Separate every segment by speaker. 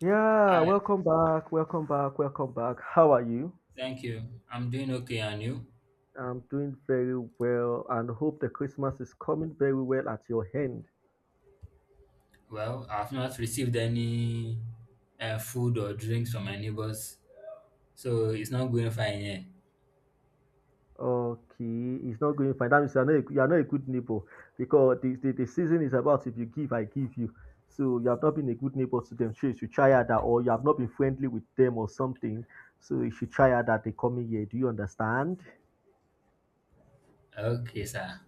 Speaker 1: Yeah,
Speaker 2: Hi,
Speaker 1: welcome back, welcome back, welcome back. How are you?
Speaker 2: thank you. I'm doing okay, and you?
Speaker 1: I'm doing very well and hope the Christmas is coming very well at your hand.
Speaker 2: Well, I've not received any food or drinks from my neighbors, so it's not going fine here.
Speaker 1: Okay, it's not going fine. That means you are not a good neighbor because the season is about if you give, I give you. So you have not been a good neighbor to them. So you should try harder, or you have not been friendly with them or something. So you should try harder the coming year. Do you understand?
Speaker 2: Okay, sir.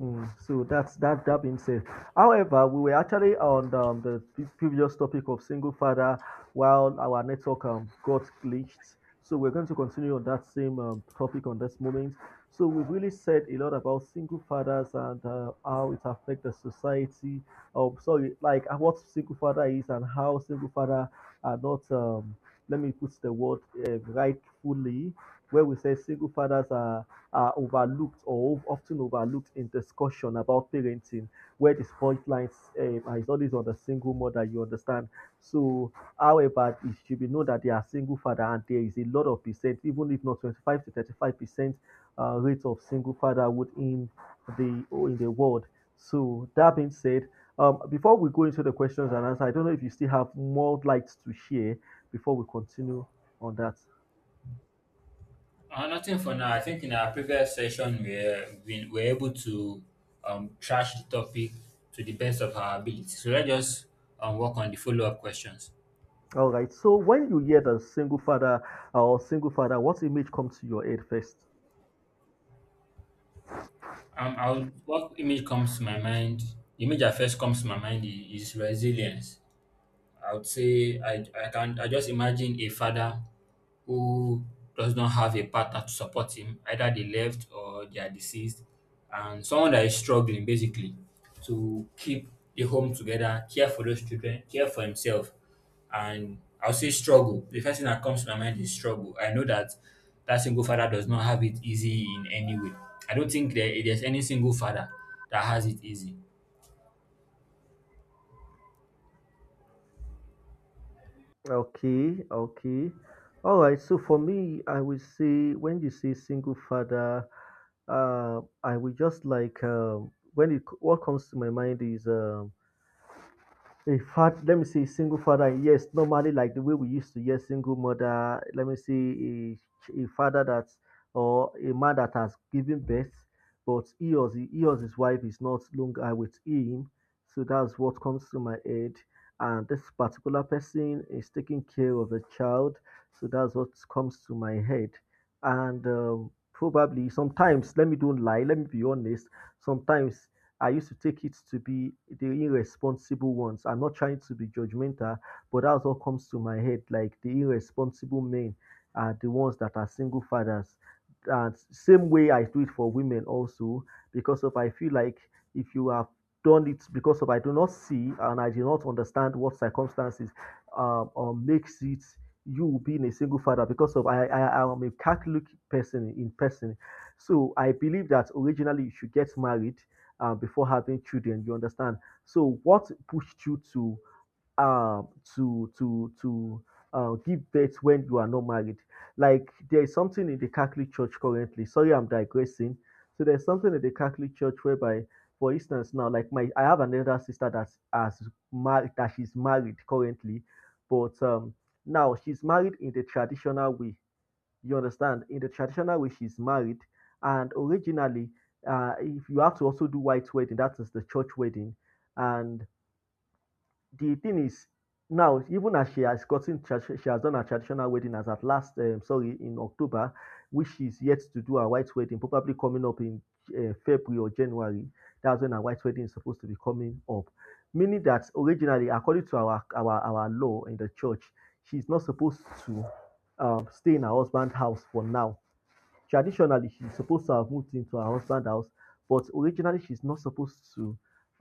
Speaker 1: So that that being said. However, we were actually on the previous topic of single father while our network got glitched. So we're going to continue on that same topic on this moment. So we've really said a lot about single fathers and how it affects the society. Sorry, like what single father is and how single father are not. Let me put the word rightfully, where we say single fathers are overlooked or often overlooked in discussion about parenting, where the spotlight is always on the single mother, you understand. So, however, it should be known that they are single father, and there is a lot of percent, even if not 25 to 35% rate of single fatherhood in the world. So, that being said, before we go into the questions and answers, I don't know if you still have more lights to share before we continue on that.
Speaker 2: Nothing for now. I think in our previous session, we were able to trash the topic to the best of our ability. So let's just work on the follow up questions.
Speaker 1: All right. So when you hear the single father or single father, what image comes to your head first?
Speaker 2: What image comes to my mind? The image that first comes to my mind is resilience. I would say I just imagine a father who does not have a partner to support him. Either they left or they are deceased, and someone that is struggling basically to keep the home together, care for those children, care for himself, and I'll say struggle. The first thing that comes to my mind is struggle. I know that that single father does not have it easy in any way. I don't think there's any single father that has it easy.
Speaker 1: Okay. Okay. All right. So for me, I will say when you say single father, I will just like when it what comes to my mind is. In fact, let me see, single father, yes, normally like the way we used to hear single mother, let me see a father that or a man that has given birth, but he or his wife is not longer with him. So that's what comes to my head. And this particular person is taking care of the child. So that's what comes to my head. And probably sometimes, let me don't lie, let me be honest, sometimes I used to take it to be the irresponsible ones. I'm not trying to be judgmental, but that's what comes to my head. Like the irresponsible men are the ones that are single fathers. And same way I do it for women also, because of I feel like if you have done it because of I do not see and I do not understand what circumstances makes it you being a single father because of I am a Catholic person in person. So I believe that originally you should get married before having children. You understand? So what pushed you to um to to to give birth when you are not married? Like there is something in the Catholic Church currently. Sorry, I'm digressing. So there's something in the Catholic Church whereby, for instance, now like my I have an elder sister that's as married that she's married currently, but now she's married in the traditional way you understand? In the traditional way, she's married, and originally, if you have to also do white wedding, that is the church wedding. And the thing is, now even as she has gotten, she has done her traditional wedding as at last, sorry, in October, which she's yet to do her white wedding, probably coming up in February or January. That's when her white wedding is supposed to be coming up. Meaning that originally, according to our law in the church, she's not supposed to stay in her husband's house for now. Traditionally, she's supposed to have moved into her husband's house, but originally she's not supposed to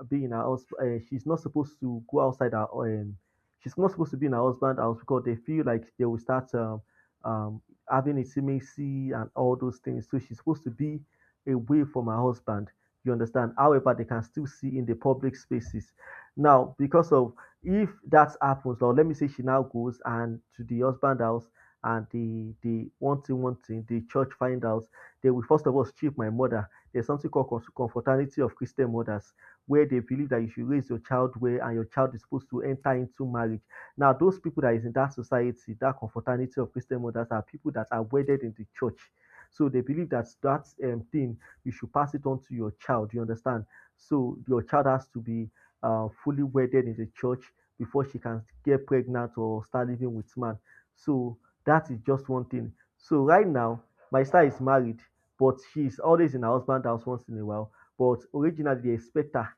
Speaker 1: be in her house. She's not supposed to go outside her. She's not supposed to be in her husband's house because they feel like they will start um, having intimacy and all those things. So she's supposed to be away from her husband. You understand? However, they can still see in the public spaces. Now, because of if that happens, now let me say she now goes and to the husband's house and the one thing the church find out, they will first of all strip my mother. There's something called confraternity of Christian mothers, where they believe that you should raise your child well and your child is supposed to enter into marriage. Now, those people that is in that society, that confraternity of Christian mothers, are people that are wedded in the church. So they believe that thing you should pass it on to your child. You understand? So your child has to be fully wedded in the church before she can get pregnant or start living with man. So that is just one thing. So right now, my sister is married, but she is always in her husband house once in a while. But originally, they expect her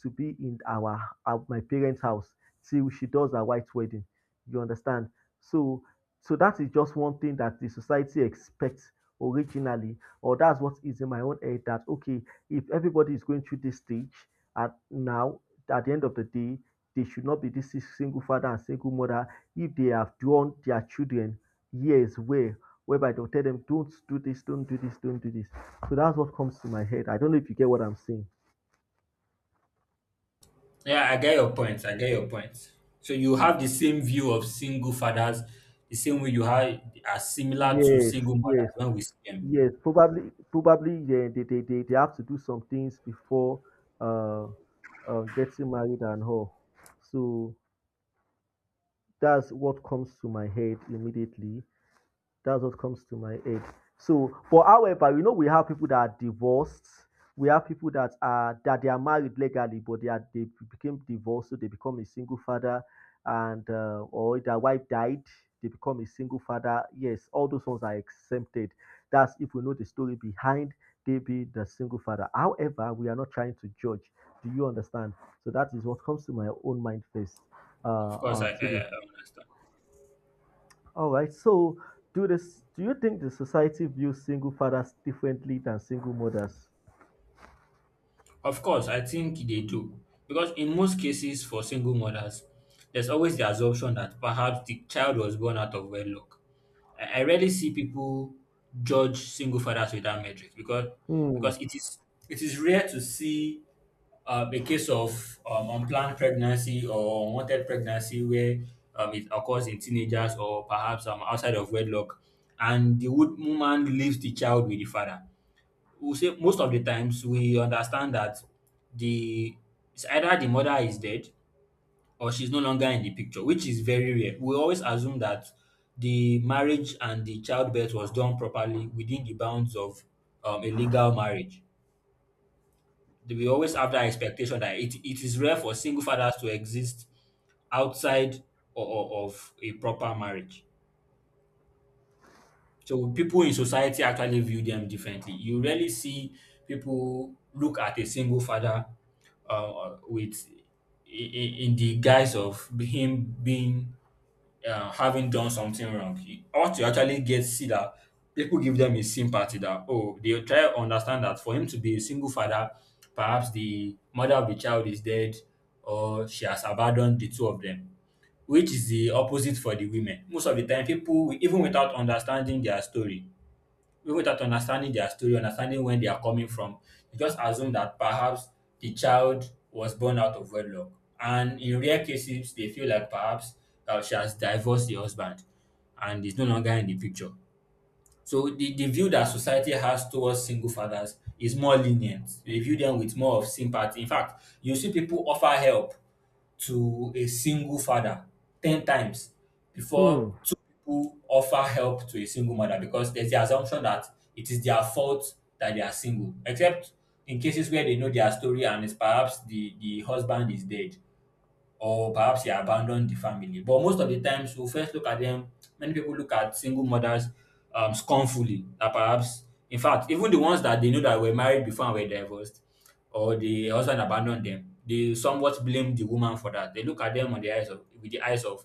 Speaker 1: to be in our my parents' house till she does her white wedding. You understand? So, so that is just one thing that the society expects originally, or that's what is in my own head. That okay, if everybody is going through this stage at now, at the end of the day, they should not be this single father and single mother if they have drawn their children years whereby they'll tell them, don't do this, don't do this, don't do this. So that's what comes to my head. I don't know if you get what I'm saying.
Speaker 2: Yeah, I get your point. I get your point. So you have the same view of single fathers, the same way you have are similar to
Speaker 1: Yes,
Speaker 2: single mothers
Speaker 1: yes,
Speaker 2: when we see them.
Speaker 1: yes. Probably probably yeah, they have to do some things before uh, getting married and all. So that's what comes to my head immediately. That's what comes to my aid. So, but however, you know, we have people that are divorced. We have people that they are married legally, but they became divorced, so they become a single father, and or their wife died, they become a single father. Yes, all those ones are exempted. That's if we know the story behind they be the single father. However, we are not trying to judge. Do you understand? So that is what comes to my own mind first.
Speaker 2: Of course,
Speaker 1: To the
Speaker 2: I understand.
Speaker 1: All right. So, do this? Do you think the society views single fathers differently than single mothers?
Speaker 2: Of course, I think they do. Because in most cases for single mothers, there's always the assumption that perhaps the child was born out of wedlock. I rarely see people judge single fathers with that metric because
Speaker 1: Hmm.
Speaker 2: because it is rare to see a case of unplanned pregnancy or unwanted pregnancy where it occurs in teenagers or perhaps outside of wedlock, and the woman leaves the child with the father. We'll say most of the times we understand that the it's either the mother is dead or she's no longer in the picture, which is very rare. We always assume that the marriage and the childbirth was done properly within the bounds of a legal marriage. We always have that expectation that it is rare for single fathers to exist outside of a proper marriage. So people in society actually view them differently. You rarely see people look at a single father with in the guise of him being having done something wrong. You ought to actually get see that people give them a sympathy that oh they try to understand that for him to be a single father, perhaps the mother of the child is dead or she has abandoned the two of them. Which is the opposite for the women. Most of the time, people, even without understanding their story, even without understanding their story, understanding when they are coming from, you just assume that perhaps the child was born out of wedlock. And in rare cases, they feel like perhaps she has divorced the husband and is no longer in the picture. So the view that society has towards single fathers is more lenient. They view them with more of sympathy. In fact, you see people offer help to a single father 10 times before
Speaker 1: Hmm.
Speaker 2: two people offer help to a single mother because there's the assumption that it is their fault that they are single, except in cases where they know their story and it's perhaps the husband is dead or perhaps he abandoned the family. But most of the times, we first look at them. Many people look at single mothers scornfully. That perhaps, in fact, even the ones that they know that were married before and were divorced, or the husband abandoned them, they somewhat blame the woman for that. They look at them on the eyes of with the eyes of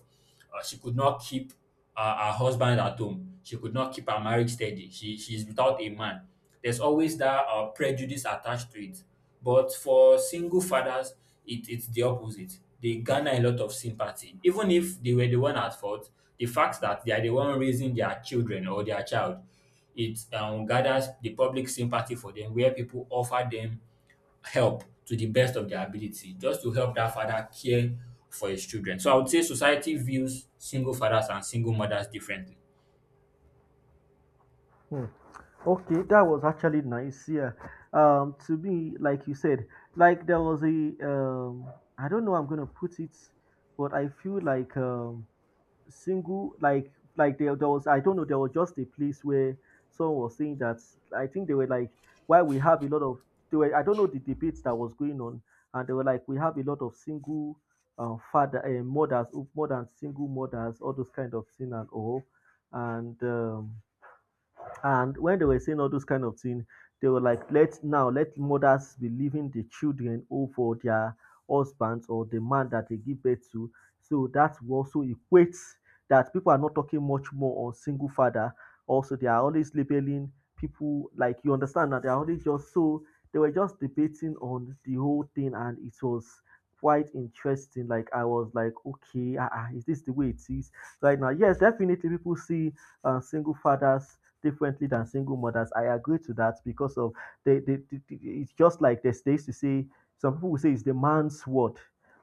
Speaker 2: she could not keep her husband at home. She could not keep her marriage steady. She's without a man. There's always that prejudice attached to it. But for single fathers, it's the opposite. They garner a lot of sympathy. Even if they were the one at fault, the fact that they are the one raising their children or their child, it gathers the public sympathy for them, where people offer them help to the best of their ability, just to help that father care for his children. So I would say society views single fathers and single mothers differently.
Speaker 1: Hmm. Okay, that was actually nice. Yeah. To me, like you said, like there was a um, I don't know how I'm gonna put it, but I feel like single like there was I don't know there was just a place where someone was saying that I think they were like why we have a lot of they were I don't know the debates that was going on and they were like we have a lot of single father mothers more than single mothers all those kind of thing and all and um, and when they were saying all those kind of things, they were like, let now let mothers be leaving the children over their husbands or the man that they give birth to. So that will also equates that people are not talking much more on single father. Also, they are always labeling people like you understand that they are always just so they were just debating on the whole thing and it was quite interesting. Like I was like, okay, ah, ah, is this the way it is right now? Yes, definitely people see single fathers differently than single mothers. I agree to that because of it's just like there's days to say some people will say it's the man's word.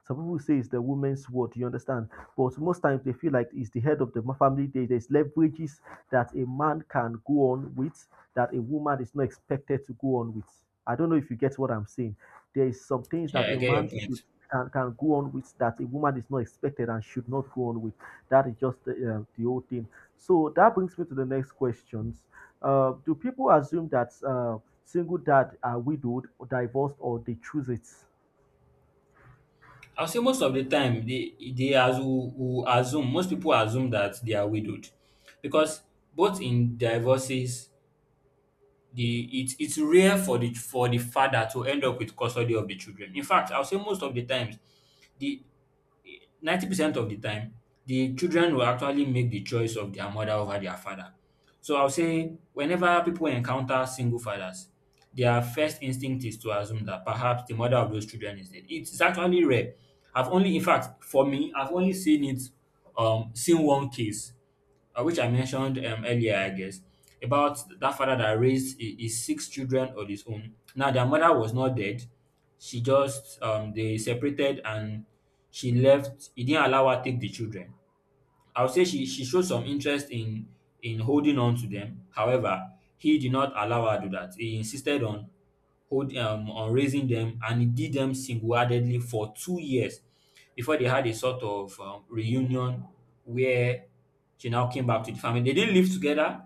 Speaker 1: Some people will say it's the woman's word, you understand? But most times they feel like it's the head of the family. There's leverages that a man can go on with that a woman is not expected to go on with. I don't know if you get what I'm saying. There is some things that
Speaker 2: Yeah, I
Speaker 1: a
Speaker 2: get your
Speaker 1: man should
Speaker 2: point.
Speaker 1: can go on with that a woman is not expected and should not go on with. That is just the whole thing. So that brings me to the next questions. Do people assume that single dad are widowed, or divorced, or they choose it?
Speaker 2: I'll say most of the time who assume most people assume that they are widowed because both in divorces the it's rare for the father to end up with custody of the children. In fact, I'll say most of the times the 90% of the time, the children will actually make the choice of their mother over their father. So I'll say whenever people encounter single fathers, their first instinct is to assume that perhaps the mother of those children is dead. It's actually rare. I've only, in fact, for me, I've only seen it, seen one case which I mentioned earlier, I guess, about that father that raised his six children on his own. Now, their mother was not dead. She just, they separated and she left. He didn't allow her take the children. I would say she showed some interest in holding on to them. However, he did not allow her to do that. He insisted on hold on raising them, and he did them single-handedly for 2 years before they had a sort of reunion where she now came back to the family. They didn't live together.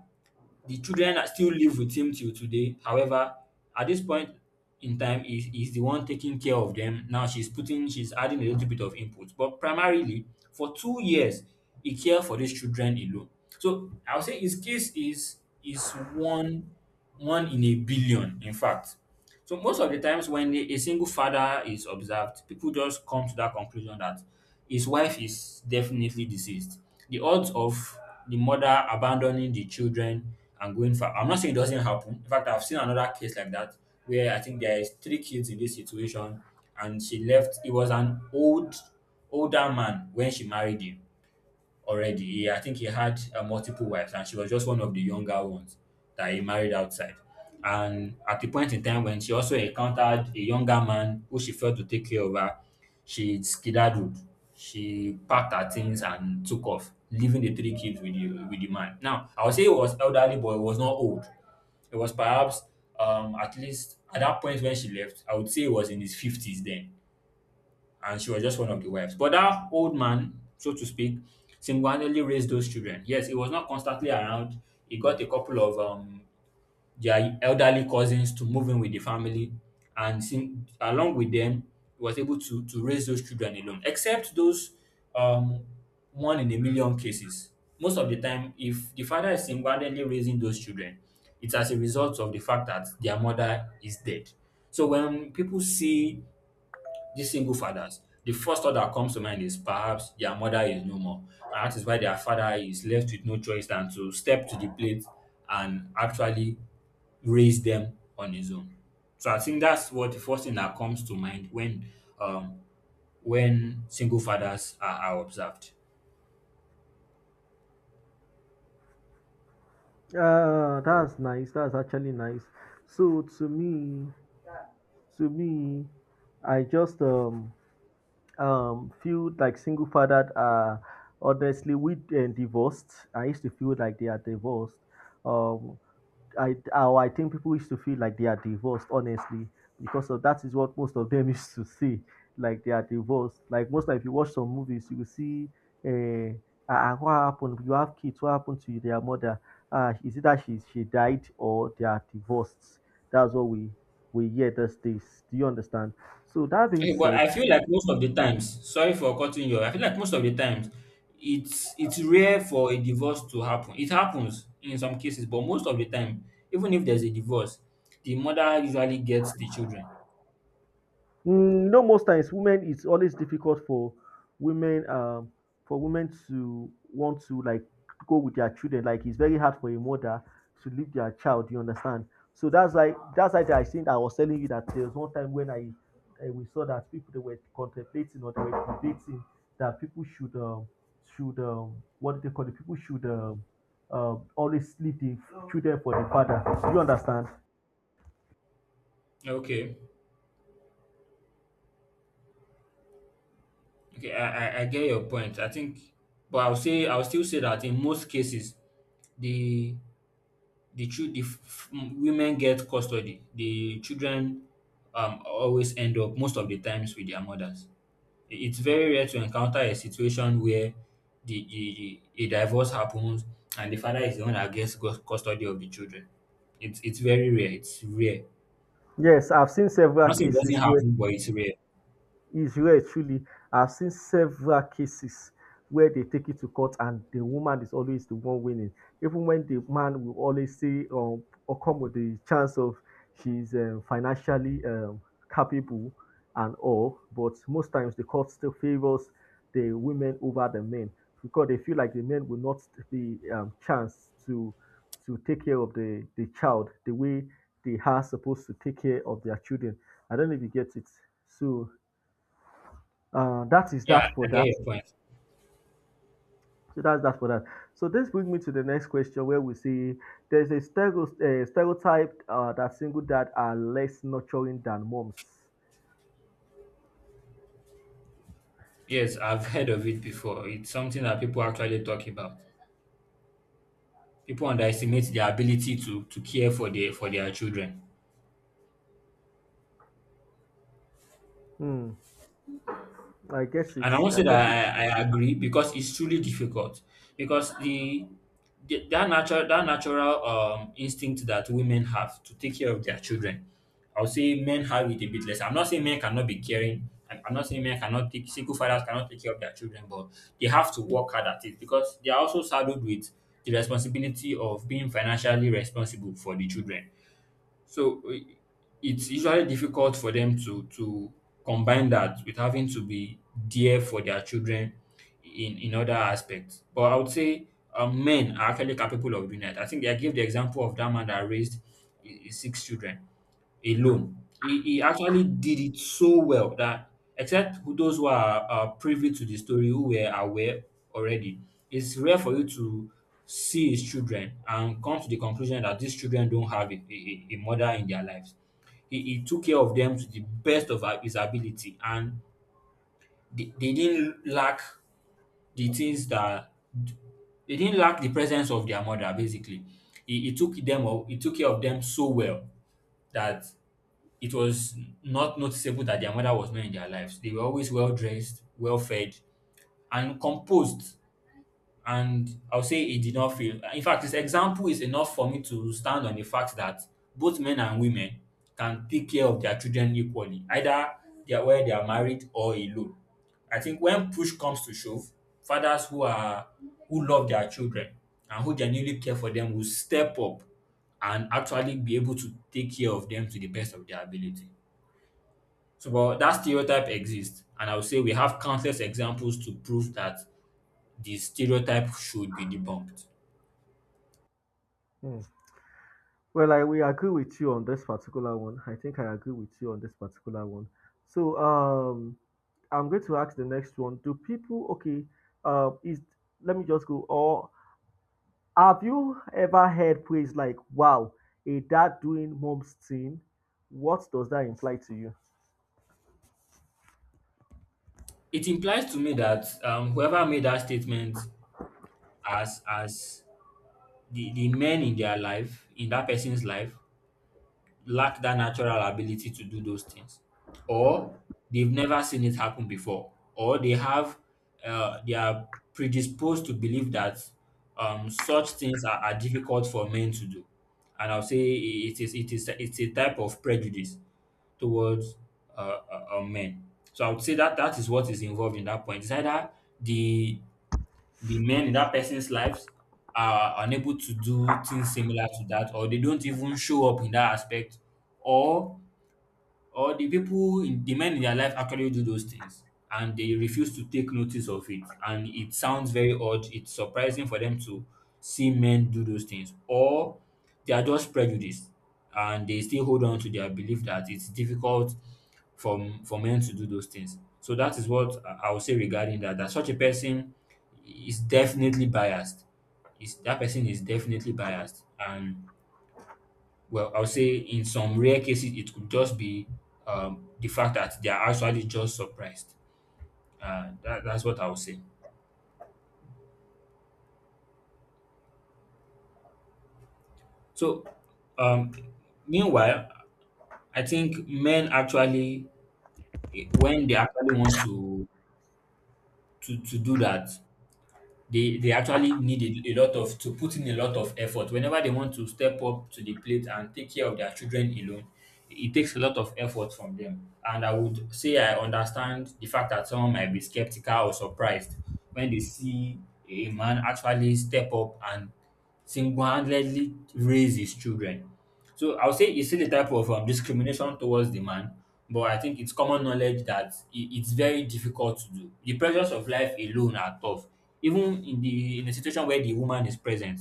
Speaker 2: The children are still live with him till today. However, at this point in time, is the one taking care of them. Now she's adding a little bit of input, but primarily for 2 years, he cared for these children alone. So I would say his case is one one in a billion, in fact. So most of the times when a single father is observed, people just come to that conclusion that his wife is definitely deceased. The odds of the mother abandoning the children and going for I'm not saying it doesn't happen. In fact, I've seen another case like that where I think there is three kids in this situation and she left it was an old older man when she married him already. He, I think he had multiple wives, and she was just one of the younger ones that he married outside. And at the point in time when she also encountered a younger man who she failed to take care of her, she skedaddled. She packed her things and took off, leaving the three kids with the man. Now, I would say he was elderly, but he was not old. It was perhaps at least at that point when she left, I would say he was in his fifties then and she was just one of the wives. But that old man, so to speak, single-handedly raised those children. Yes, he was not constantly around. He got a couple of their elderly cousins to move in with the family, and sing, along with them, he was able to raise those children alone. Except those um, one in a million cases. Most of the time, if the father is single-handedly raising those children, it's as a result of the fact that their mother is dead. So when people see these single fathers, the first thought that comes to mind is perhaps their mother is no more. And that is why their father is left with no choice than to step to the plate and actually raise them on his own. So I think that's what the first thing that comes to mind when um single fathers are observed.
Speaker 1: That's nice. That's actually nice. So to me, I just feel like single fathered are honestly with and divorced. I used to feel like they are divorced. Um, I think people used to feel like they are divorced, honestly, because of that is what most of them used to say, like they are divorced. Like most time, if you watch some movies, you will see, uh, what happened? You have kids. What happened to their mother? Ah, is it that she died or they are divorced? That's what we hear these days. Do you understand? So that being
Speaker 2: Okay, but
Speaker 1: said,
Speaker 2: I feel like most of the times, sorry for cutting you off, I feel like most of the times, it's rare for a divorce to happen. It happens in some cases, but most of the time, even if there's a divorce, the mother usually gets the children.
Speaker 1: You most times women it's always difficult women um for women to want to like go with their children. Like it's very hard for a mother to leave their child. You understand? So that's why I think I was telling you that there was one time when I we saw that people they were contemplating or they were debating that people should what do they call it? People should always leave the children for the father. Do you understand?
Speaker 2: Okay, okay, I get your point. I think, but I'll still say that in most cases, the the chil- the f- f- women get custody. The children always end up most of the times with their mothers. It's very rare to encounter a situation where the a divorce happens and the father is the one that gets custody of the children. It's very rare. It's rare.
Speaker 1: Yes, I've seen
Speaker 2: I'm
Speaker 1: several
Speaker 2: not saying it doesn't
Speaker 1: cases where
Speaker 2: happen, but it's rare.
Speaker 1: Israel truly, I've seen several cases where they take it to court and the woman is always the one winning. Even when the man will always say or come with the chance of she's financially capable and all, but most times the court still favors the women over the men because they feel like the men will not be chance to take care of the child the way they are supposed to take care of their children. I don't know if you get it. So that is
Speaker 2: Yeah,
Speaker 1: that
Speaker 2: I
Speaker 1: for
Speaker 2: get
Speaker 1: that.
Speaker 2: your point.
Speaker 1: So that's that for that. So this brings me to the next question where we see there's a stereotype that single dad are less nurturing than moms.
Speaker 2: Yes, I've heard of it before. It's something that people actually talk about. People underestimate their ability to care for their children.
Speaker 1: Hmm. I guess
Speaker 2: And I
Speaker 1: it's.
Speaker 2: won't say
Speaker 1: I guess. It,
Speaker 2: that I agree because it's truly difficult because the that natural instinct that women have to take care of their children. I would say men have it a bit less. I'm not saying men cannot be caring. I'm not saying men cannot take single fathers cannot take care of their children, but they have to work hard at it because they are also saddled with the responsibility of being financially responsible for the children. So it's usually difficult for them to combine that with having to be there for their children in other aspects. But I would say men are actually capable of doing that. I think I gave the example of that man that raised his six children alone. He actually did it so well that except those who are privy to the story, who were aware already, it's rare for you to see his children and come to the conclusion that these children don't have a mother in their lives. He took care of them to the best of his ability, and they didn't lack the things that they didn't lack the presence of their mother. Basically he took them up, he took care of them so well that it was not noticeable that their mother was not in their lives. They were always well dressed, well fed, and composed. And I'll say it did not fail. In fact, this example is enough for me to stand on the fact that both men and women can take care of their children equally, either they are where they are married or alone. I think when push comes to shove, fathers who are who love their children and who genuinely care for them will step up and actually be able to take care of them to the best of their ability. So, but that stereotype exists, and I would say we have countless examples to prove that the stereotype should be debunked.
Speaker 1: hmm. Well, I we agree with you on this particular one. I think I agree with you on this particular one. So I'm going to ask the next one. Do people okay? Is let me just go. Or Have you ever heard praise like, wow, a dad doing mom's thing? What does that imply to you?
Speaker 2: It implies to me that whoever made that statement as the men in their life, in that person's life, lack that natural ability to do those things, or they've never seen it happen before, or they have they are predisposed to believe that such things are difficult for men to do, and I'll say it's a type of prejudice towards uh, men. So I would say that that is what is involved in that point. It's either the the men in that person's lives are unable to do things similar to that, or they don't even show up in that aspect, or the people in the men in their life actually do those things and they refuse to take notice of it, and it sounds very odd. It's surprising for them to see men do those things, or they are just prejudiced and they still hold on to their belief that it's difficult for men to do those things. So that is what I would say regarding that, that such a person is definitely biased, is that person is definitely biased. And well, I'll say in some rare cases, it could just be the fact that they are actually just surprised. That's what I would say. So, um, meanwhile, I think men actually, when they actually want to do that, they actually need a lot of to put in a lot of effort whenever they want to step up to the plate and take care of their children alone. It takes a lot of effort from them, and I would say I understand the fact that someone might be skeptical or surprised when they see a man actually step up and single-handedly raise his children. So I'll say it's still a type of discrimination towards the man, but I think it's common knowledge that it's very difficult to do. The pressures of life alone are tough. Even in the in a situation where the woman is present,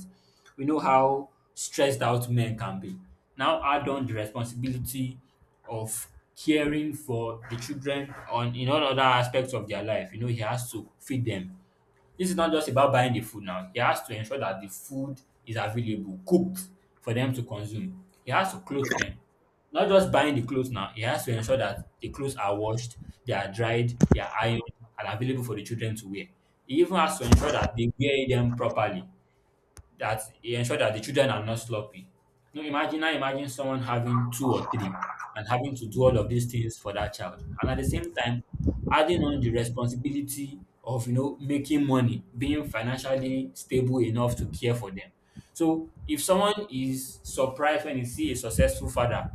Speaker 2: we know how stressed out men can be. Now add on the responsibility of caring for the children on in all other aspects of their life. You know, he has to feed them. This is not just about buying the food now. He has to ensure that the food is available, cooked for them to consume. He has to clothe them. Not just buying the clothes now, he has to ensure that the clothes are washed, they are dried, they are ironed, and available for the children to wear. He even has to ensure that they wear them properly, that he ensured that the children are not sloppy. Now imagine someone having two or three and having to do all of these things for that child. And at the same time, adding on the responsibility of, you know, making money, being financially stable enough to care for them. So if someone is surprised when he see a successful father,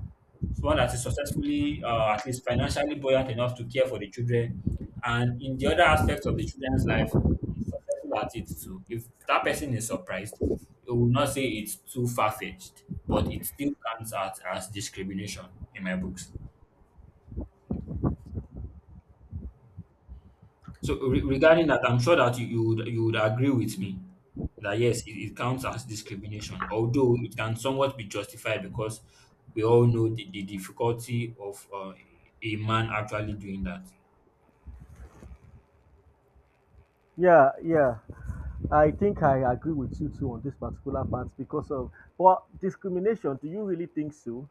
Speaker 2: someone that is successfully, at least financially buoyant enough to care for the children, and in the other aspects of the children's life, is successful at it too. If that person is surprised, it will not say it's too far fetched, but it still counts out as discrimination in my books. So regarding that, I'm sure that you would you would agree with me that yes, it counts as discrimination, although it can somewhat be justified because we all know the difficulty of a man actually doing that.
Speaker 1: Yeah, yeah. I think I agree with you too on this particular part because of well, discrimination, do you really think so?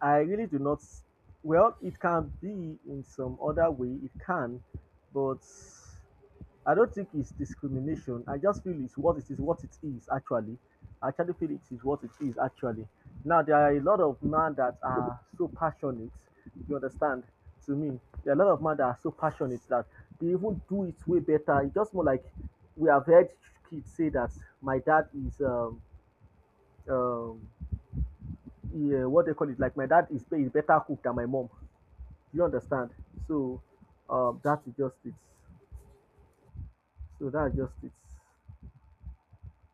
Speaker 1: I really do not s- well, it can be in some other way, it can, but I don't think it's discrimination. I just feel it's what it is actually. I actually feel it is what it is actually. Now there are a lot of men that are so passionate. You understand? To me, there are a lot of men that are so passionate that they even do it way better. It's just more like we have heard kids say that my dad is um yeah, what they call it like my dad is better cook than my mom. You understand? So that is just it. So that's just it.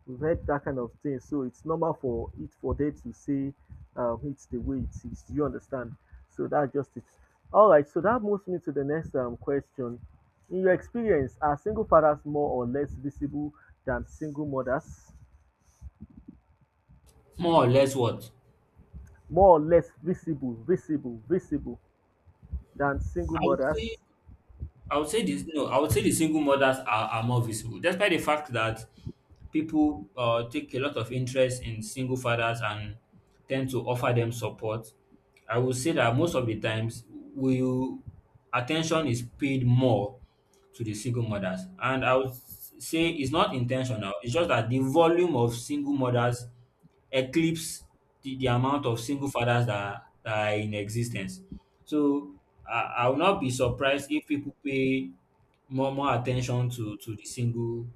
Speaker 1: We've read that kind of thing. So it's normal for it for them to say it's the way it is. Do you understand? So that's just it. All right. So that moves me to the next question. In your experience, are single fathers more or less visible than single mothers?
Speaker 2: More or less what?
Speaker 1: More or less visible, visible than single
Speaker 2: I would say
Speaker 1: mothers?
Speaker 2: I would say this no, I would say the single mothers are more visible, despite the fact that people take a lot of interest in single fathers and tend to offer them support. I would say that most of the times, we attention is paid more to the single mothers, and I would say it's not intentional. It's just that the volume of single mothers eclipse the amount of single fathers that are in existence. So I will not be surprised if people pay more attention to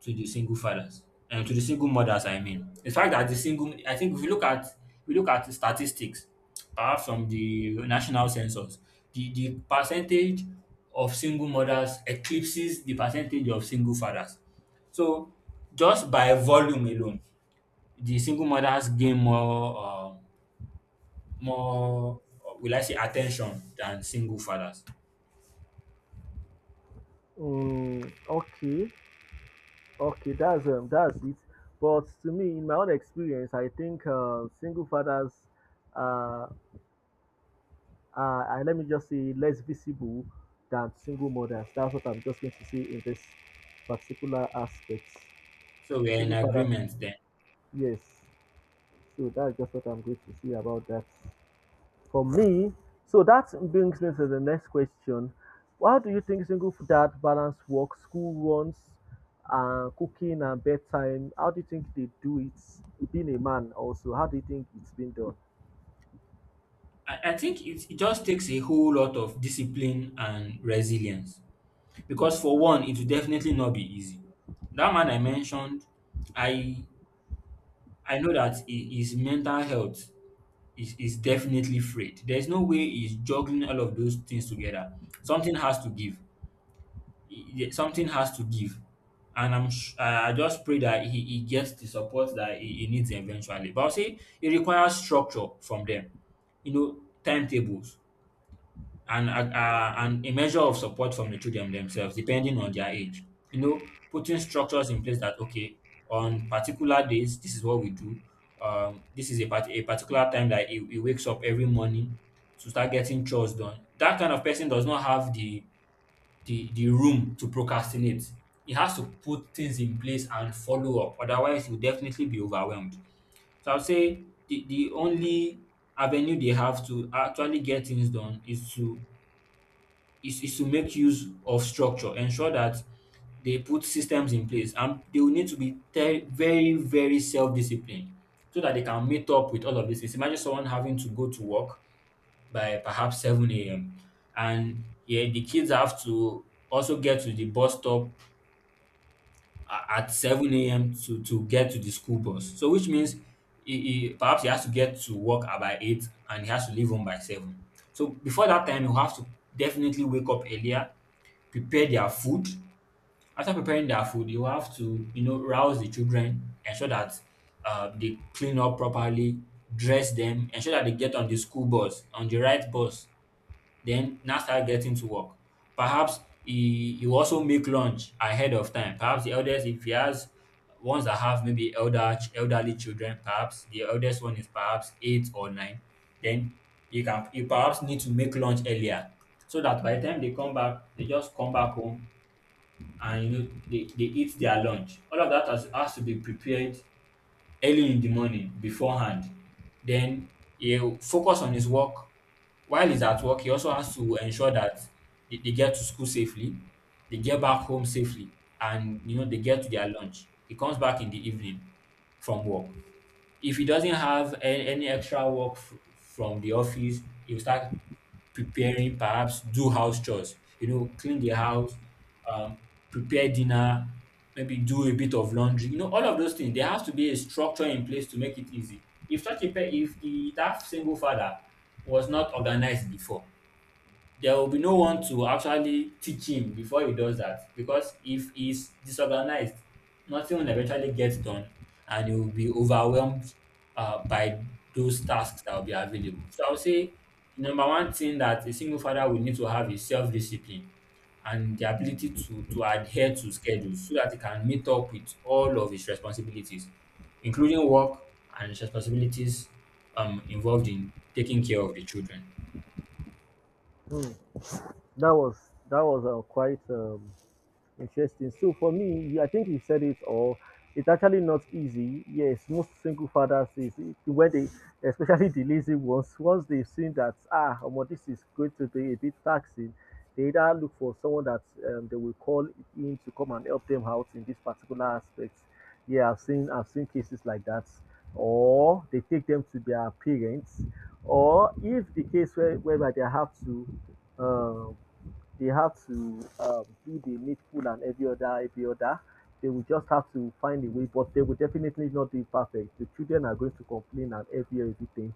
Speaker 2: to the single fathers and to the single mothers. I mean the fact that the single I think if you look at the statistics perhaps from the national census, the percentage of single mothers eclipses the percentage of single fathers. So just by volume alone, the single mothers gain more more will I say attention than single fathers.
Speaker 1: Okay, okay, that's it. But to me, in my own experience, I think single fathers uh, and let me just say less visible than single mothers. That's what I'm just going to say in this particular aspect.
Speaker 2: So we are in
Speaker 1: Single father,
Speaker 2: agreement then.
Speaker 1: yes. So that's just what I'm going to say about that. For me, so that brings me to the next question. How do you think single dad balance work, school runs, cooking and bedtime? How do you think they do it? Being a man also, how do you think it's been done?
Speaker 2: I think it just takes a whole lot of discipline and resilience. Because for one, it will definitely not be easy. That man I mentioned, I I know that his mental health is definitely frayed. There's no way he's juggling all of those things together. Something has to give. Something has to give. And I'm sh- I just pray that he gets the support that he needs eventually. But I'll say it requires structure from them. You know, timetables and a measure of support from the children themselves, depending on their age. You know, putting structures in place that okay, on particular days, this is what we do. This is a particular time that he wakes up every morning to start getting chores done. That kind of person does not have the the room to procrastinate. He has to put things in place and follow up. Otherwise, he'll definitely be overwhelmed. So I'll say the only avenue they have to actually get things done is to is to make use of structure, ensure that they put systems in place, and they will need to be very, very self disciplined so that they can meet up with all of these things. Imagine someone having to go to work by perhaps 7 a.m., and yeah, the kids have to also get to the bus stop at 7 a.m. To get to the school bus. So, which means perhaps he has to get to work at by 8 and he has to leave home by 7. So, before that time, he'll have to definitely wake up earlier, prepare their food. After preparing their food, you have to, you know, rouse the children, ensure that they clean up properly, dress them, ensure that they get on the school bus, on the right bus, then now start getting to work. Perhaps you also make lunch ahead of time. Perhaps the eldest, if he has ones that have maybe elderly children, perhaps the eldest one is perhaps 8 or 9, then you perhaps need to make lunch earlier so that by the time they come back, they just come back home and they eat their lunch. All of that has to be prepared early in the morning beforehand. Then he'll focus on his work. While he's at work, he also has to ensure that they get to school safely, they get back home safely, and they get to their lunch. He comes back in the evening from work. If he doesn't have any extra work from the office, he'll start preparing, perhaps do house chores, clean the house, um, prepare dinner, maybe do a bit of laundry, all of those things. There has to be a structure in place to make it easy. If if the that single father was not organized before, there will be no one to actually teach him before he does that, because if he's disorganized, nothing will eventually get done and he will be overwhelmed by those tasks that will be available. So I would say the number one thing that a single father will need to have is self discipline and the ability to adhere to schedules so that he can meet up with all of his responsibilities, including work and his responsibilities involved in taking care of the children.
Speaker 1: Hmm. That was that was quite Interesting. So for me, I think you said it all. It's actually not easy. Yes, most single fathers is when they, especially the lazy ones, once they've seen that ah, well, this is going to be a bit taxing, they either look for someone that they will call in to come and help them out in this particular aspect. Yeah, I've seen cases like that, or they take them to their parents, or if the case where whereby um, they have to do the needful and every other, every other. They will just have to find a way, but they will definitely not be perfect. The children are going to complain and every everything.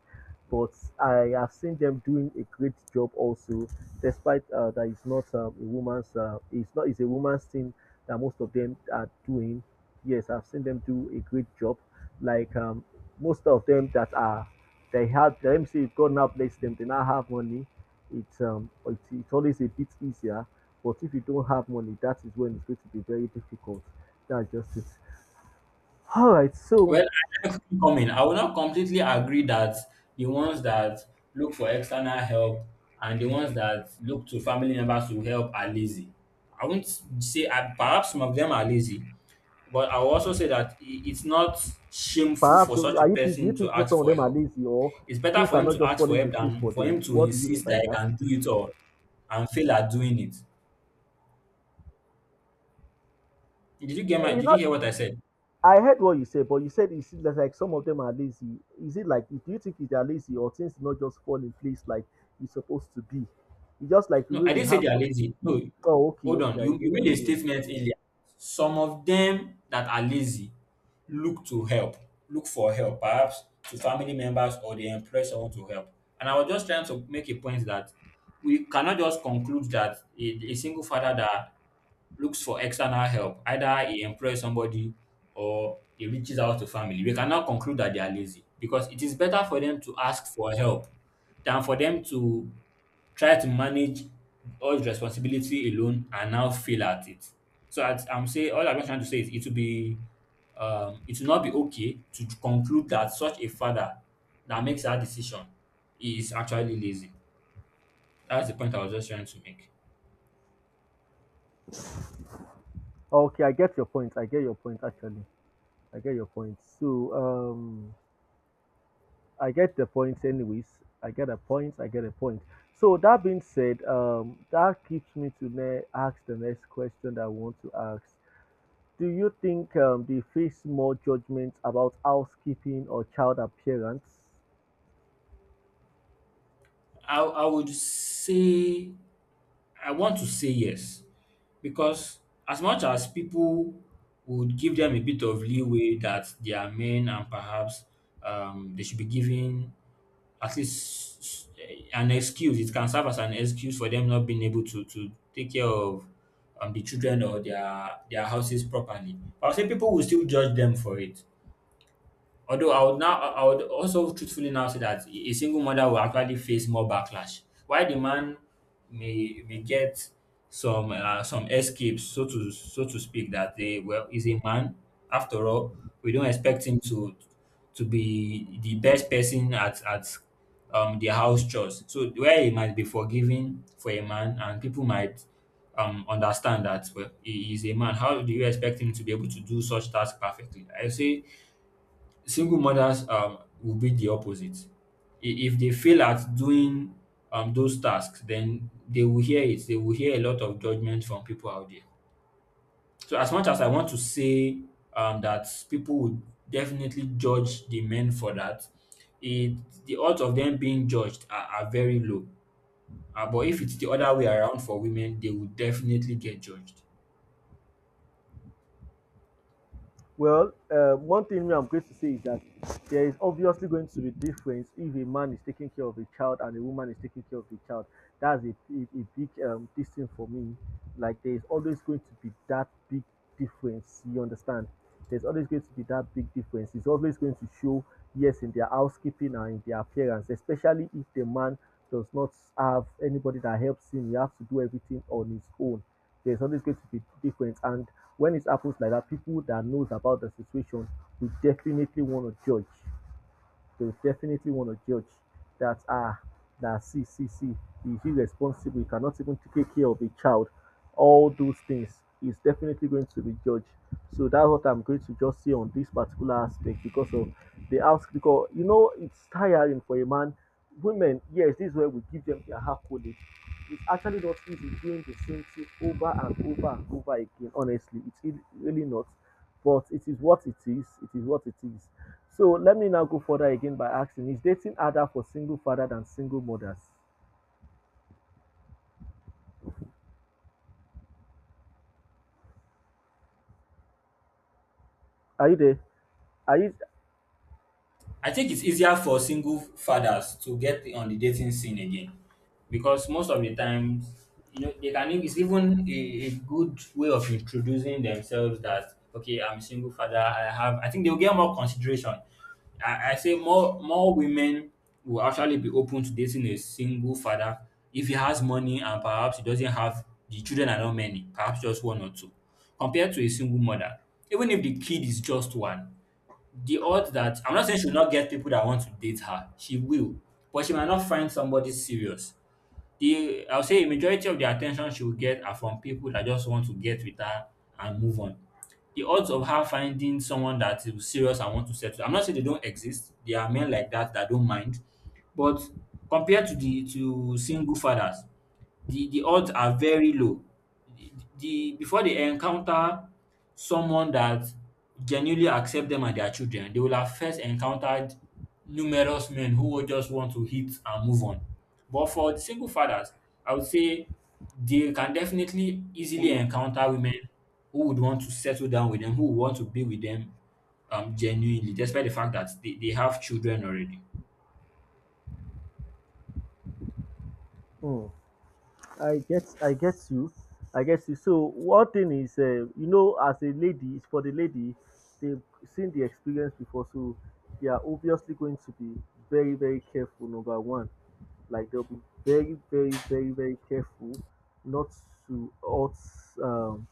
Speaker 1: But I have seen them doing a great job also, despite that it's not a it's not it's a woman's thing that most of them are doing. Yes, I've seen them do a great job. Like most of them that are they have the MC God now bless them, they now have money. It's it's always a bit easier. But if you don't have money, that is when it's going to be very difficult. That's just it. All right.
Speaker 2: Well,
Speaker 1: So
Speaker 2: I can quickly come in. I will not completely agree that the ones that look for external help and the ones that look to family members to help are lazy. I won't say perhaps some of them are lazy, but I will also say that it's not shameful
Speaker 1: perhaps
Speaker 2: for such a
Speaker 1: are you think do you
Speaker 2: person to
Speaker 1: think
Speaker 2: ask
Speaker 1: some of
Speaker 2: for
Speaker 1: them are
Speaker 2: help.
Speaker 1: lazy or
Speaker 2: It's better
Speaker 1: things
Speaker 2: for
Speaker 1: are
Speaker 2: him
Speaker 1: not
Speaker 2: to
Speaker 1: just
Speaker 2: ask for
Speaker 1: falling
Speaker 2: help
Speaker 1: in place
Speaker 2: than
Speaker 1: for
Speaker 2: for him
Speaker 1: them?
Speaker 2: to
Speaker 1: What do you mean
Speaker 2: insist
Speaker 1: by
Speaker 2: that he
Speaker 1: that?
Speaker 2: can do it all and fail at doing it. Did you get my?
Speaker 1: You
Speaker 2: Did you
Speaker 1: know,
Speaker 2: hear what I said?
Speaker 1: I heard what you said, but you said it seems like some of them are lazy. Is it like do you think they are lazy or things not just fall in place like it's supposed to be? It's just like the
Speaker 2: No,
Speaker 1: way
Speaker 2: I
Speaker 1: we
Speaker 2: didn't say
Speaker 1: have
Speaker 2: they are
Speaker 1: some.
Speaker 2: lazy. No,
Speaker 1: Oh, okay,
Speaker 2: hold on.
Speaker 1: okay.
Speaker 2: You made a statement earlier. Some of them that are lazy look to help, look for help, perhaps to family members, or they employ someone to help. And I was just trying to make a point that we cannot just conclude that a single father that looks for external help, either he employs somebody or he reaches out to family — we cannot conclude that they are lazy, because it is better for them to ask for help than for them to try to manage all the responsibility alone and now fail at it. So at, I'm saying all I'm just trying to say is, it will not be okay to conclude that such a father that makes that decision is actually lazy. That's the point I was just trying to make.
Speaker 1: Okay, I get your point. I get your point actually. I get your point. So um, I get the point, anyways. I get a point. I get a point. So that being said, that keeps me to ask the next question that I want to ask. Do you think they face more judgment about housekeeping or child appearance?
Speaker 2: I would say I want to say yes, because as much as people would give them a bit of leeway that they are men and perhaps they should be given at least an excuse. It can serve as an excuse for them not being able to take care of the children or their houses properly. But I would say people will still judge them for it. Although I would also truthfully now say that a single mother will actually face more backlash. While the man may get some escapes, so to speak, that they, well, is a man. After all, we don't expect him to be the best person at the house chores. So where he might be forgiving for a man, and people might understand that, well, he is a man. How do you expect him to be able to do such tasks perfectly? I say single mothers will be the opposite. If they fail at doing those tasks, then they will hear it. They will hear a lot of judgment from people out there. So as much as I want to say that people would definitely judge the men for that, it the odds of them being judged are very low. But if it's the other way around for women, they will definitely get judged.
Speaker 1: Well, one thing me I'm going to say is that there is obviously going to be difference if a man is taking care of a child and a woman is taking care of the child. That's a big this thing for me. Like there is always going to be that big difference. You understand? There's always going to be that big difference. It's always going to show yes in their housekeeping and in their appearance, especially if the man does not have anybody that helps him. He has to do everything on his own there's always going to be difference. And when it happens like that, people that knows about the situation will definitely want to judge they will definitely want to judge that ah that see he's irresponsible, he cannot even take care of a child. All those things is definitely going to be judged. So that's what I'm going to just say on this particular aspect because of they ask because you know it's tiring for a man. Women, yes, this is where we give them their half credit. It's actually not easy doing the same thing over and over and over again. Honestly, it's really not. But it is what it is. It is what it is. So let me now go further again by asking Is dating harder for single father than single mothers? Are you there? Are you?
Speaker 2: I think it's easier for single fathers to get on the dating scene again, because most of the times, they can it's even a good way of introducing themselves that, okay, I'm a single father, I think they'll get more consideration. I say more women will actually be open to dating a single father if he has money and perhaps he doesn't have the children are not many, perhaps just one or two, compared to a single mother. Even if the kid is just one, the odds that — I'm not saying she will not get people that want to date her. She will, but she might not find somebody serious. The I'll say a majority of the attention she will get are from people that just want to get with her and move on. The odds of her finding someone that is serious and want to settle — I'm not saying they don't exist. There are men like that that don't mind, but compared to single fathers, the odds are very low. The before they encounter someone that genuinely accept them and their children, they will have first encountered numerous men who will just want to hit and move on. But for the single fathers, I would say they can definitely easily encounter women who would want to settle down with them, who would want to be with them genuinely, despite the fact that they have children already.
Speaker 1: Hmm. I get you, I get you. So one thing is, you know, as a lady, it's for the lady, they've seen the experience before, so they are obviously going to be very, very careful. Number one, like they'll be very, very, very careful not to hurt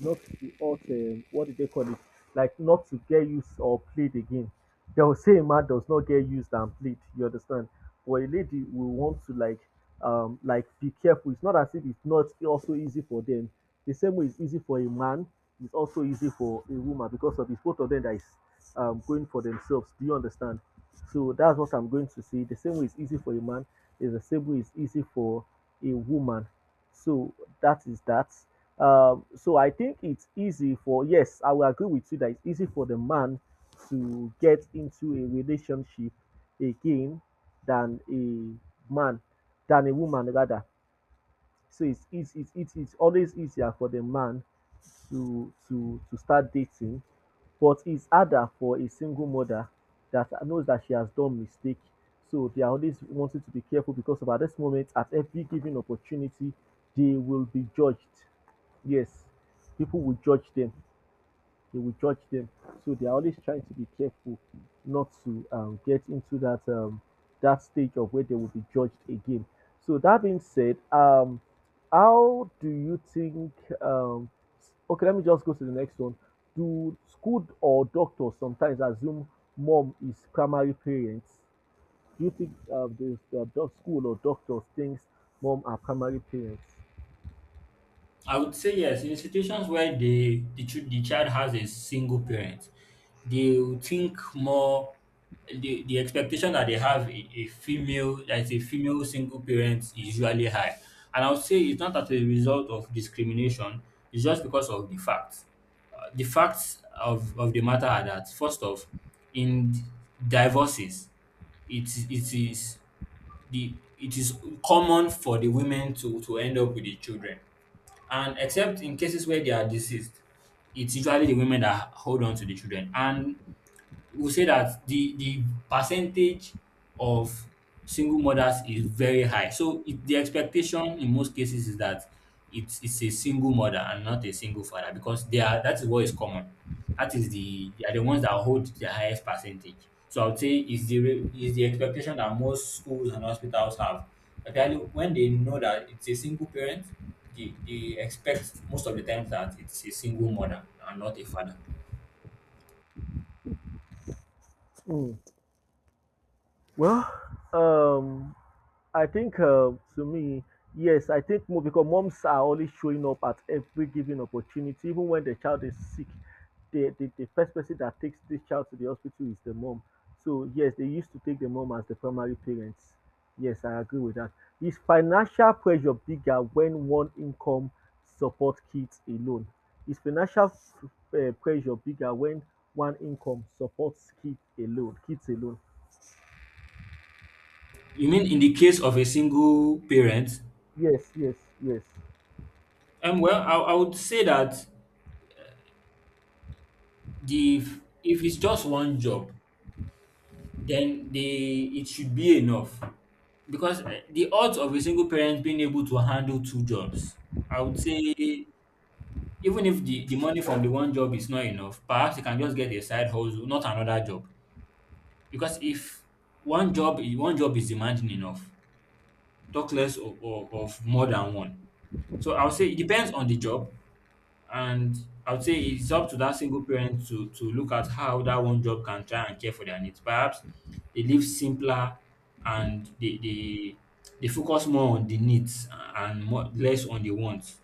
Speaker 1: not to what did they call it? Like not to get used or played again. They will say a man does not get used and played. You understand? But a lady will want to like be careful. It's not as if it's not also easy for them. The same way it's easy for a man, it's also easy for a woman because of it's both of them that is going for themselves. Do you understand? So that's what I'm going to say. The same way it's easy for a man is the same way it's easy for a woman. So that is that. So I think it's easy for, yes, I will agree with you that it's easy for the man to get into a relationship again than a man, than a woman rather. So it's easy, it's always easier for the man to start dating, but it's harder for a single mother that knows that she has done mistake. So they are always wanting to be careful because at this moment, at every given opportunity, they will be judged. Yes, people will judge them they will judge them. So they are always trying to be careful not to get into that that stage of where they will be judged again. So that being said, how do you think? Um, okay, let me just go to the next one. Do school or doctors sometimes assume mom is primary parents? Do you think the school or doctors thinks mom are primary parents?
Speaker 2: I would say yes. In situations where the child has a single parent, they will think more. The expectation that they have a female — that is, a female single parent — is usually high, and I would say it's not as a result of discrimination. It's just because of the facts. The facts of the matter are that, first off, in divorces, it it is it is common for the women to end up with the children, and except in cases where they are deceased, it's usually the women that hold on to the children. And we'll say that the percentage of single mothers is very high. So the expectation in most cases is that it's a single mother and not a single father, because they are that is what is common. That is the they are the ones that hold the highest percentage. So I would say is the expectation that most schools and hospitals have. Actually, when they know that it's a single parent, they expect most of the times that it's a single mother and not a father.
Speaker 1: Mm. Well, um, I think to me, yes, I think because moms are always showing up at every given opportunity, even when the child is sick. The first person that takes this child to the hospital is the mom. So, yes, they used to take the mom as the primary parents. Yes, I agree with that. Is financial pressure bigger when one income support kids alone? Is financial pressure bigger when one income supports kids alone? Kids alone.
Speaker 2: You mean in the case of a single parent?
Speaker 1: Yes, yes, yes.
Speaker 2: Well, I would say that the if it's just one job, then the it should be enough, because the odds of a single parent being able to handle two jobs, I would say — even if the money from the one job is not enough, perhaps you can just get a side hustle, not another job. Because if one job is demanding enough, talk less of more than one. So I would say it depends on the job. And I would say it's up to that single parent to look at how that one job can try and care for their needs. Perhaps they live simpler and they focus more on the needs and less on the wants.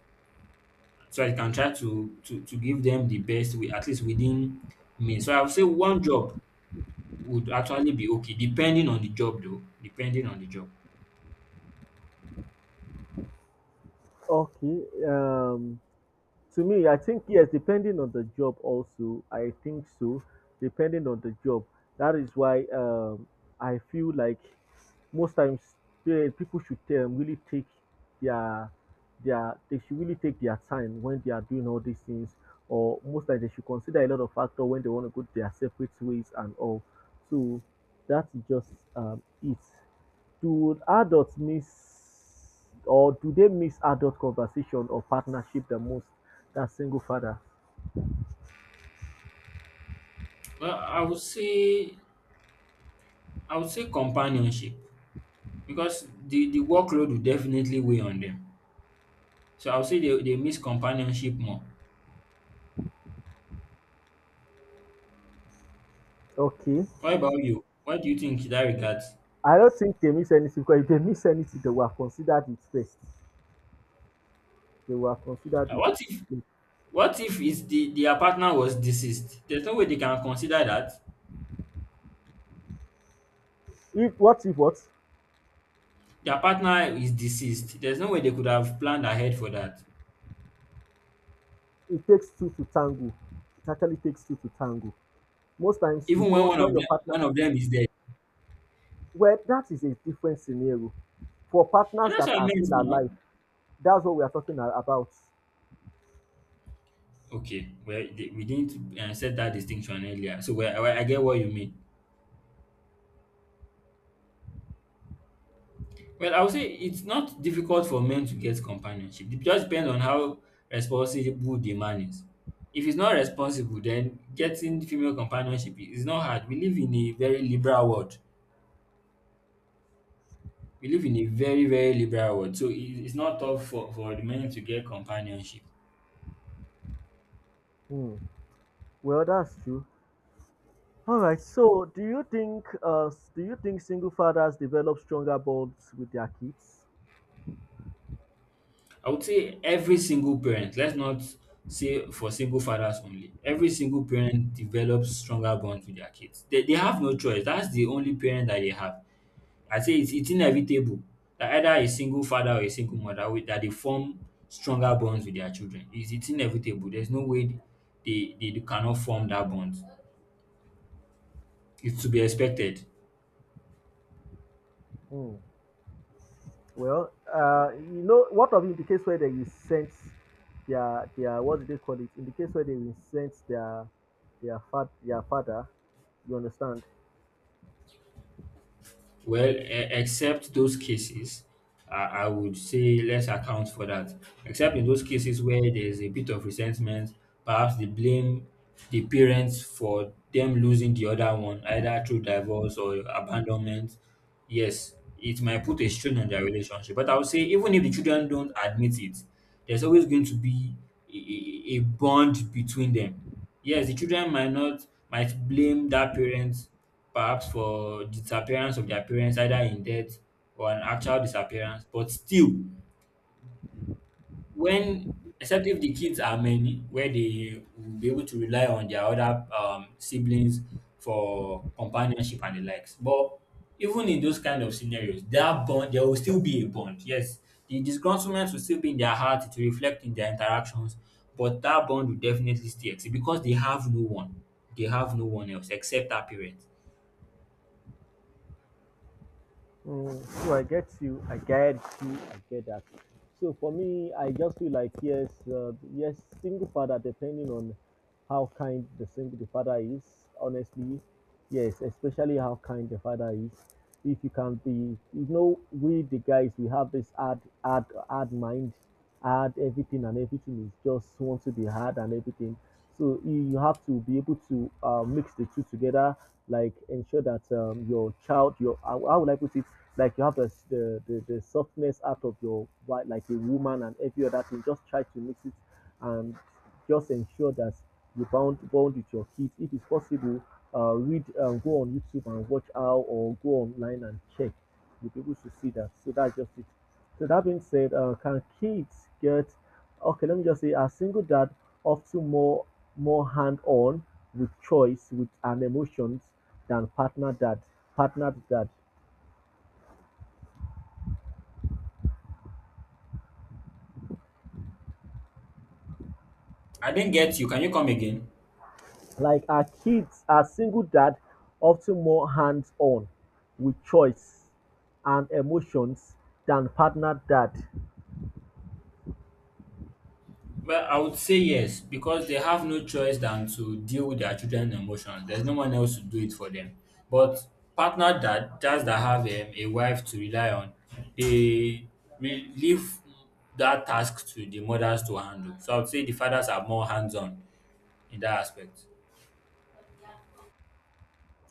Speaker 2: So I can try to give them the best way, at least within me. So I would say one job would actually be okay, depending on the job though. Depending on the job.
Speaker 1: Okay. To me, I think yes, depending on the job also, I think so, depending on the job. That is why I feel like most times eh, people should really take their their they should really take their time when they are doing all these things, or most times they should consider a lot of factor when they want to go their separate ways and all. So that's just it. Do adults miss or do they miss adult conversation or partnership the most? And single fathers.
Speaker 2: Well, I would say companionship, because the workload will definitely weigh on them. So I will say they miss companionship more.
Speaker 1: Okay.
Speaker 2: What about you? What do you think in that regard?
Speaker 1: I don't think they miss anything because if they miss anything, they were considered it first. They were considered
Speaker 2: Uh, what if
Speaker 1: it.
Speaker 2: what if is the their partner was deceased? There's no way they can consider that.
Speaker 1: If what if what,
Speaker 2: Their partner is deceased. There's no way they could have planned ahead for that.
Speaker 1: it takes two to tango. It actually takes two to tango. Most times you
Speaker 2: Even when
Speaker 1: don't
Speaker 2: one of
Speaker 1: when your
Speaker 2: them
Speaker 1: partner,
Speaker 2: one of them is dead.
Speaker 1: well that is a different scenario. For
Speaker 2: And
Speaker 1: partners
Speaker 2: that's
Speaker 1: that
Speaker 2: what I
Speaker 1: are
Speaker 2: meant
Speaker 1: still
Speaker 2: now.
Speaker 1: alive, that's what we are talking about.
Speaker 2: Okay, well, we didn't set that distinction earlier. So, well, I get what you mean. Well, I would say it's not difficult for men to get companionship. It just depends on how responsible the man is. If he's not responsible, then getting female companionship is not hard. We live in a very liberal world. We live in a very, very liberal world. So it's not tough for the men to get companionship.
Speaker 1: Hmm. Well, that's true. All right. So, do you think do you think single fathers develop stronger bonds with their kids?
Speaker 2: I would say every single parent — let's not say for single fathers only — every single parent develops stronger bonds with their kids. They have no choice. That's the only parent that they have. I say it's inevitable that either a single father or a single mother will that they form stronger bonds with their children. It's inevitable. There's no way they cannot form that bond. It's to be expected.
Speaker 1: Hmm. Well, you know, what of in the case where they will send their what do they call it? In the case where they will send their fat their father, you understand?
Speaker 2: Well, e- Except those cases, I would say let's account for that. Except in those cases where there's a bit of resentment, perhaps they blame the parents for them losing the other one, either through divorce or abandonment. Yes, it might put a strain on their relationship. But I would say, even if the children don't admit it, there's always going to be a bond between them. Yes, the children might not, might blame that parent perhaps for disappearance of their parents either in death or an actual disappearance. But still, when except if the kids are many, where they will be able to rely on their other siblings for companionship and the likes. But even in those kind of scenarios, that bond there will still be a bond. Yes, the disgruntlement will still be in their heart. It will reflect in their interactions, but that bond will definitely still exist because they have no one. They have no one else except their parents.
Speaker 1: Mm, so I get you, I get you, I get that. So for me, I just feel like yes, yes, single father, depending on how kind the father is, honestly, yes, especially how kind the father is. If you can be, you know, we the guys, we have this hard, hard, hard mind, hard everything and everything is just want to be hard and everything. So you have to be able to mix the two together, like ensure that your child, your how would I put it, like you have the softness out of your wife, like a woman and every other thing. Just try to mix it and just ensure that you bond with your kids. If it's possible, read go on YouTube and watch how or go online and check. You'll be able to see that. So that's just it. So that being said, can kids get okay? Let me just say, a single dad often more more hand-on with choice with and emotions than partner dad? Partner dad,
Speaker 2: I didn't get you. Can you come again?
Speaker 1: like our kids, our single dad often more hands-on with choice and emotions than partner dad.
Speaker 2: Well, I would say yes because they have no choice than to deal with their children's emotions. There's no one else to do it for them. But partner that dads that have a wife to rely on, they leave that task to the mothers to handle. So I would say the fathers are more hands-on in that aspect.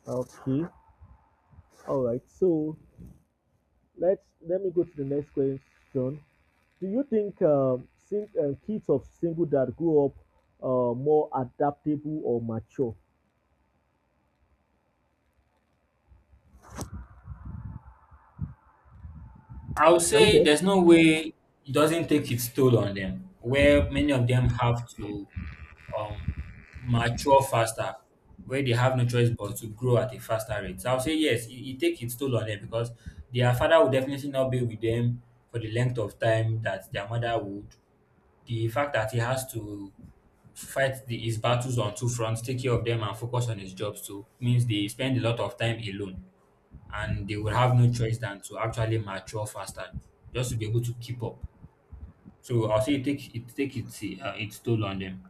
Speaker 1: Okay, all right. So let's let me go to the next question. Do you think kids of single dad grow up more adaptable or mature?
Speaker 2: I would
Speaker 1: Are you
Speaker 2: say
Speaker 1: there?
Speaker 2: there's no way it doesn't take its toll on them, where many of them have to um, mature faster, where they have no choice but to grow at a faster rate. So I'll say yes, it takes its toll on them because their father will definitely not be with them for the length of time that their mother would. The fact that he has to fight his battles on two fronts, take care of them and focus on his jobs too, means they spend a lot of time alone and they will have no choice than to actually mature faster just to be able to keep up. So I'll say it take its toll on them.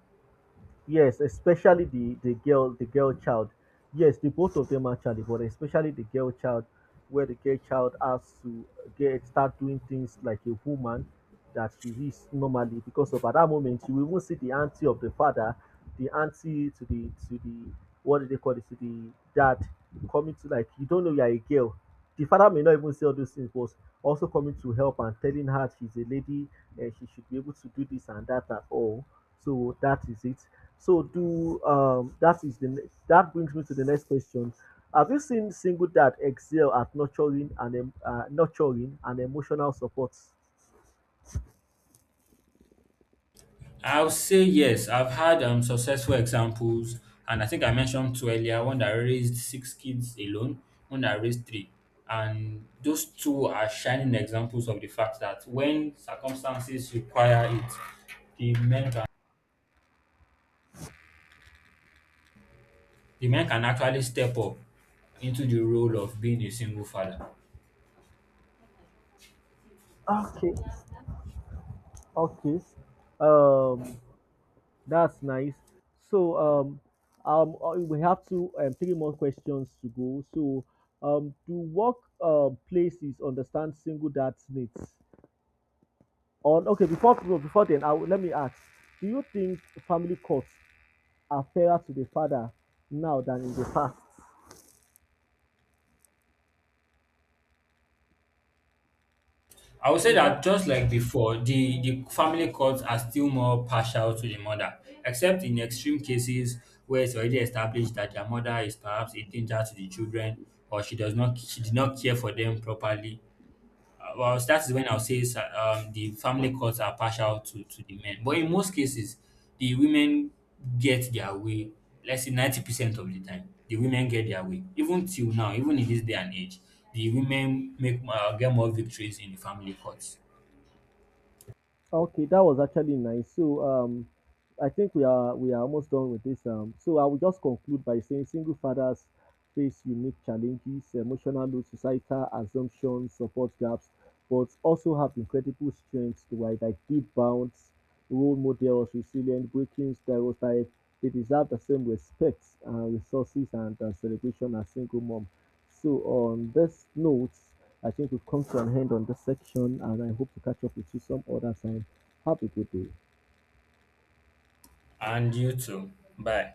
Speaker 1: Yes, especially the girl child. Yes, the both of them actually, but especially the girl child, where the girl child has to get start doing things like a woman that she is normally because of at that moment you will even see the auntie of the father, the auntie to the what do they call it to the dad coming to like you don't know you are a girl. The father may not even say all those things, but also coming to help and telling her she's a lady and she should be able to do this and that and all. So that is it. So do that is the next that brings me to the next question. Have you seen single dad excel at nurturing and nurturing and emotional support?
Speaker 2: I'll say yes. I've had successful examples, and I think I mentioned two earlier. One that raised six kids alone, one that raised three, and those two are shining examples of the fact that when circumstances require it, the men can the men can actually step up into the role of being a single father.
Speaker 1: Okay, okay. Um, that's nice. So we have two three more questions to go. So do work places understand single dad's needs? On okay before then, I will, let me ask. Do you think family courts are fairer to the father now than in the past.
Speaker 2: I would say
Speaker 1: Is that
Speaker 2: that just like before, the family courts are still more partial to the mother, except in extreme cases where it's already established that their mother is perhaps a danger to the children or she did not care for them properly. Well, that is when I'll say the family courts are partial to the men. But in most cases, the women get their way. Let's say 90% of the time, the women get their way. Even till now, even in this day and age, the women make get more victories in the family courts.
Speaker 1: okay? That was actually nice. So I think we are almost done with this. So I will just conclude by saying single fathers face unique challenges, emotional load, societal assumptions, support gaps, but also have incredible strengths to either give bounds, role models, resilient, breaking stereotypes. They deserve the same respect, resources, and celebration as single mom. So on this note, I think we've come to an end on this section and I hope to catch up with you some other time. Have a good day.
Speaker 2: And you too. Bye.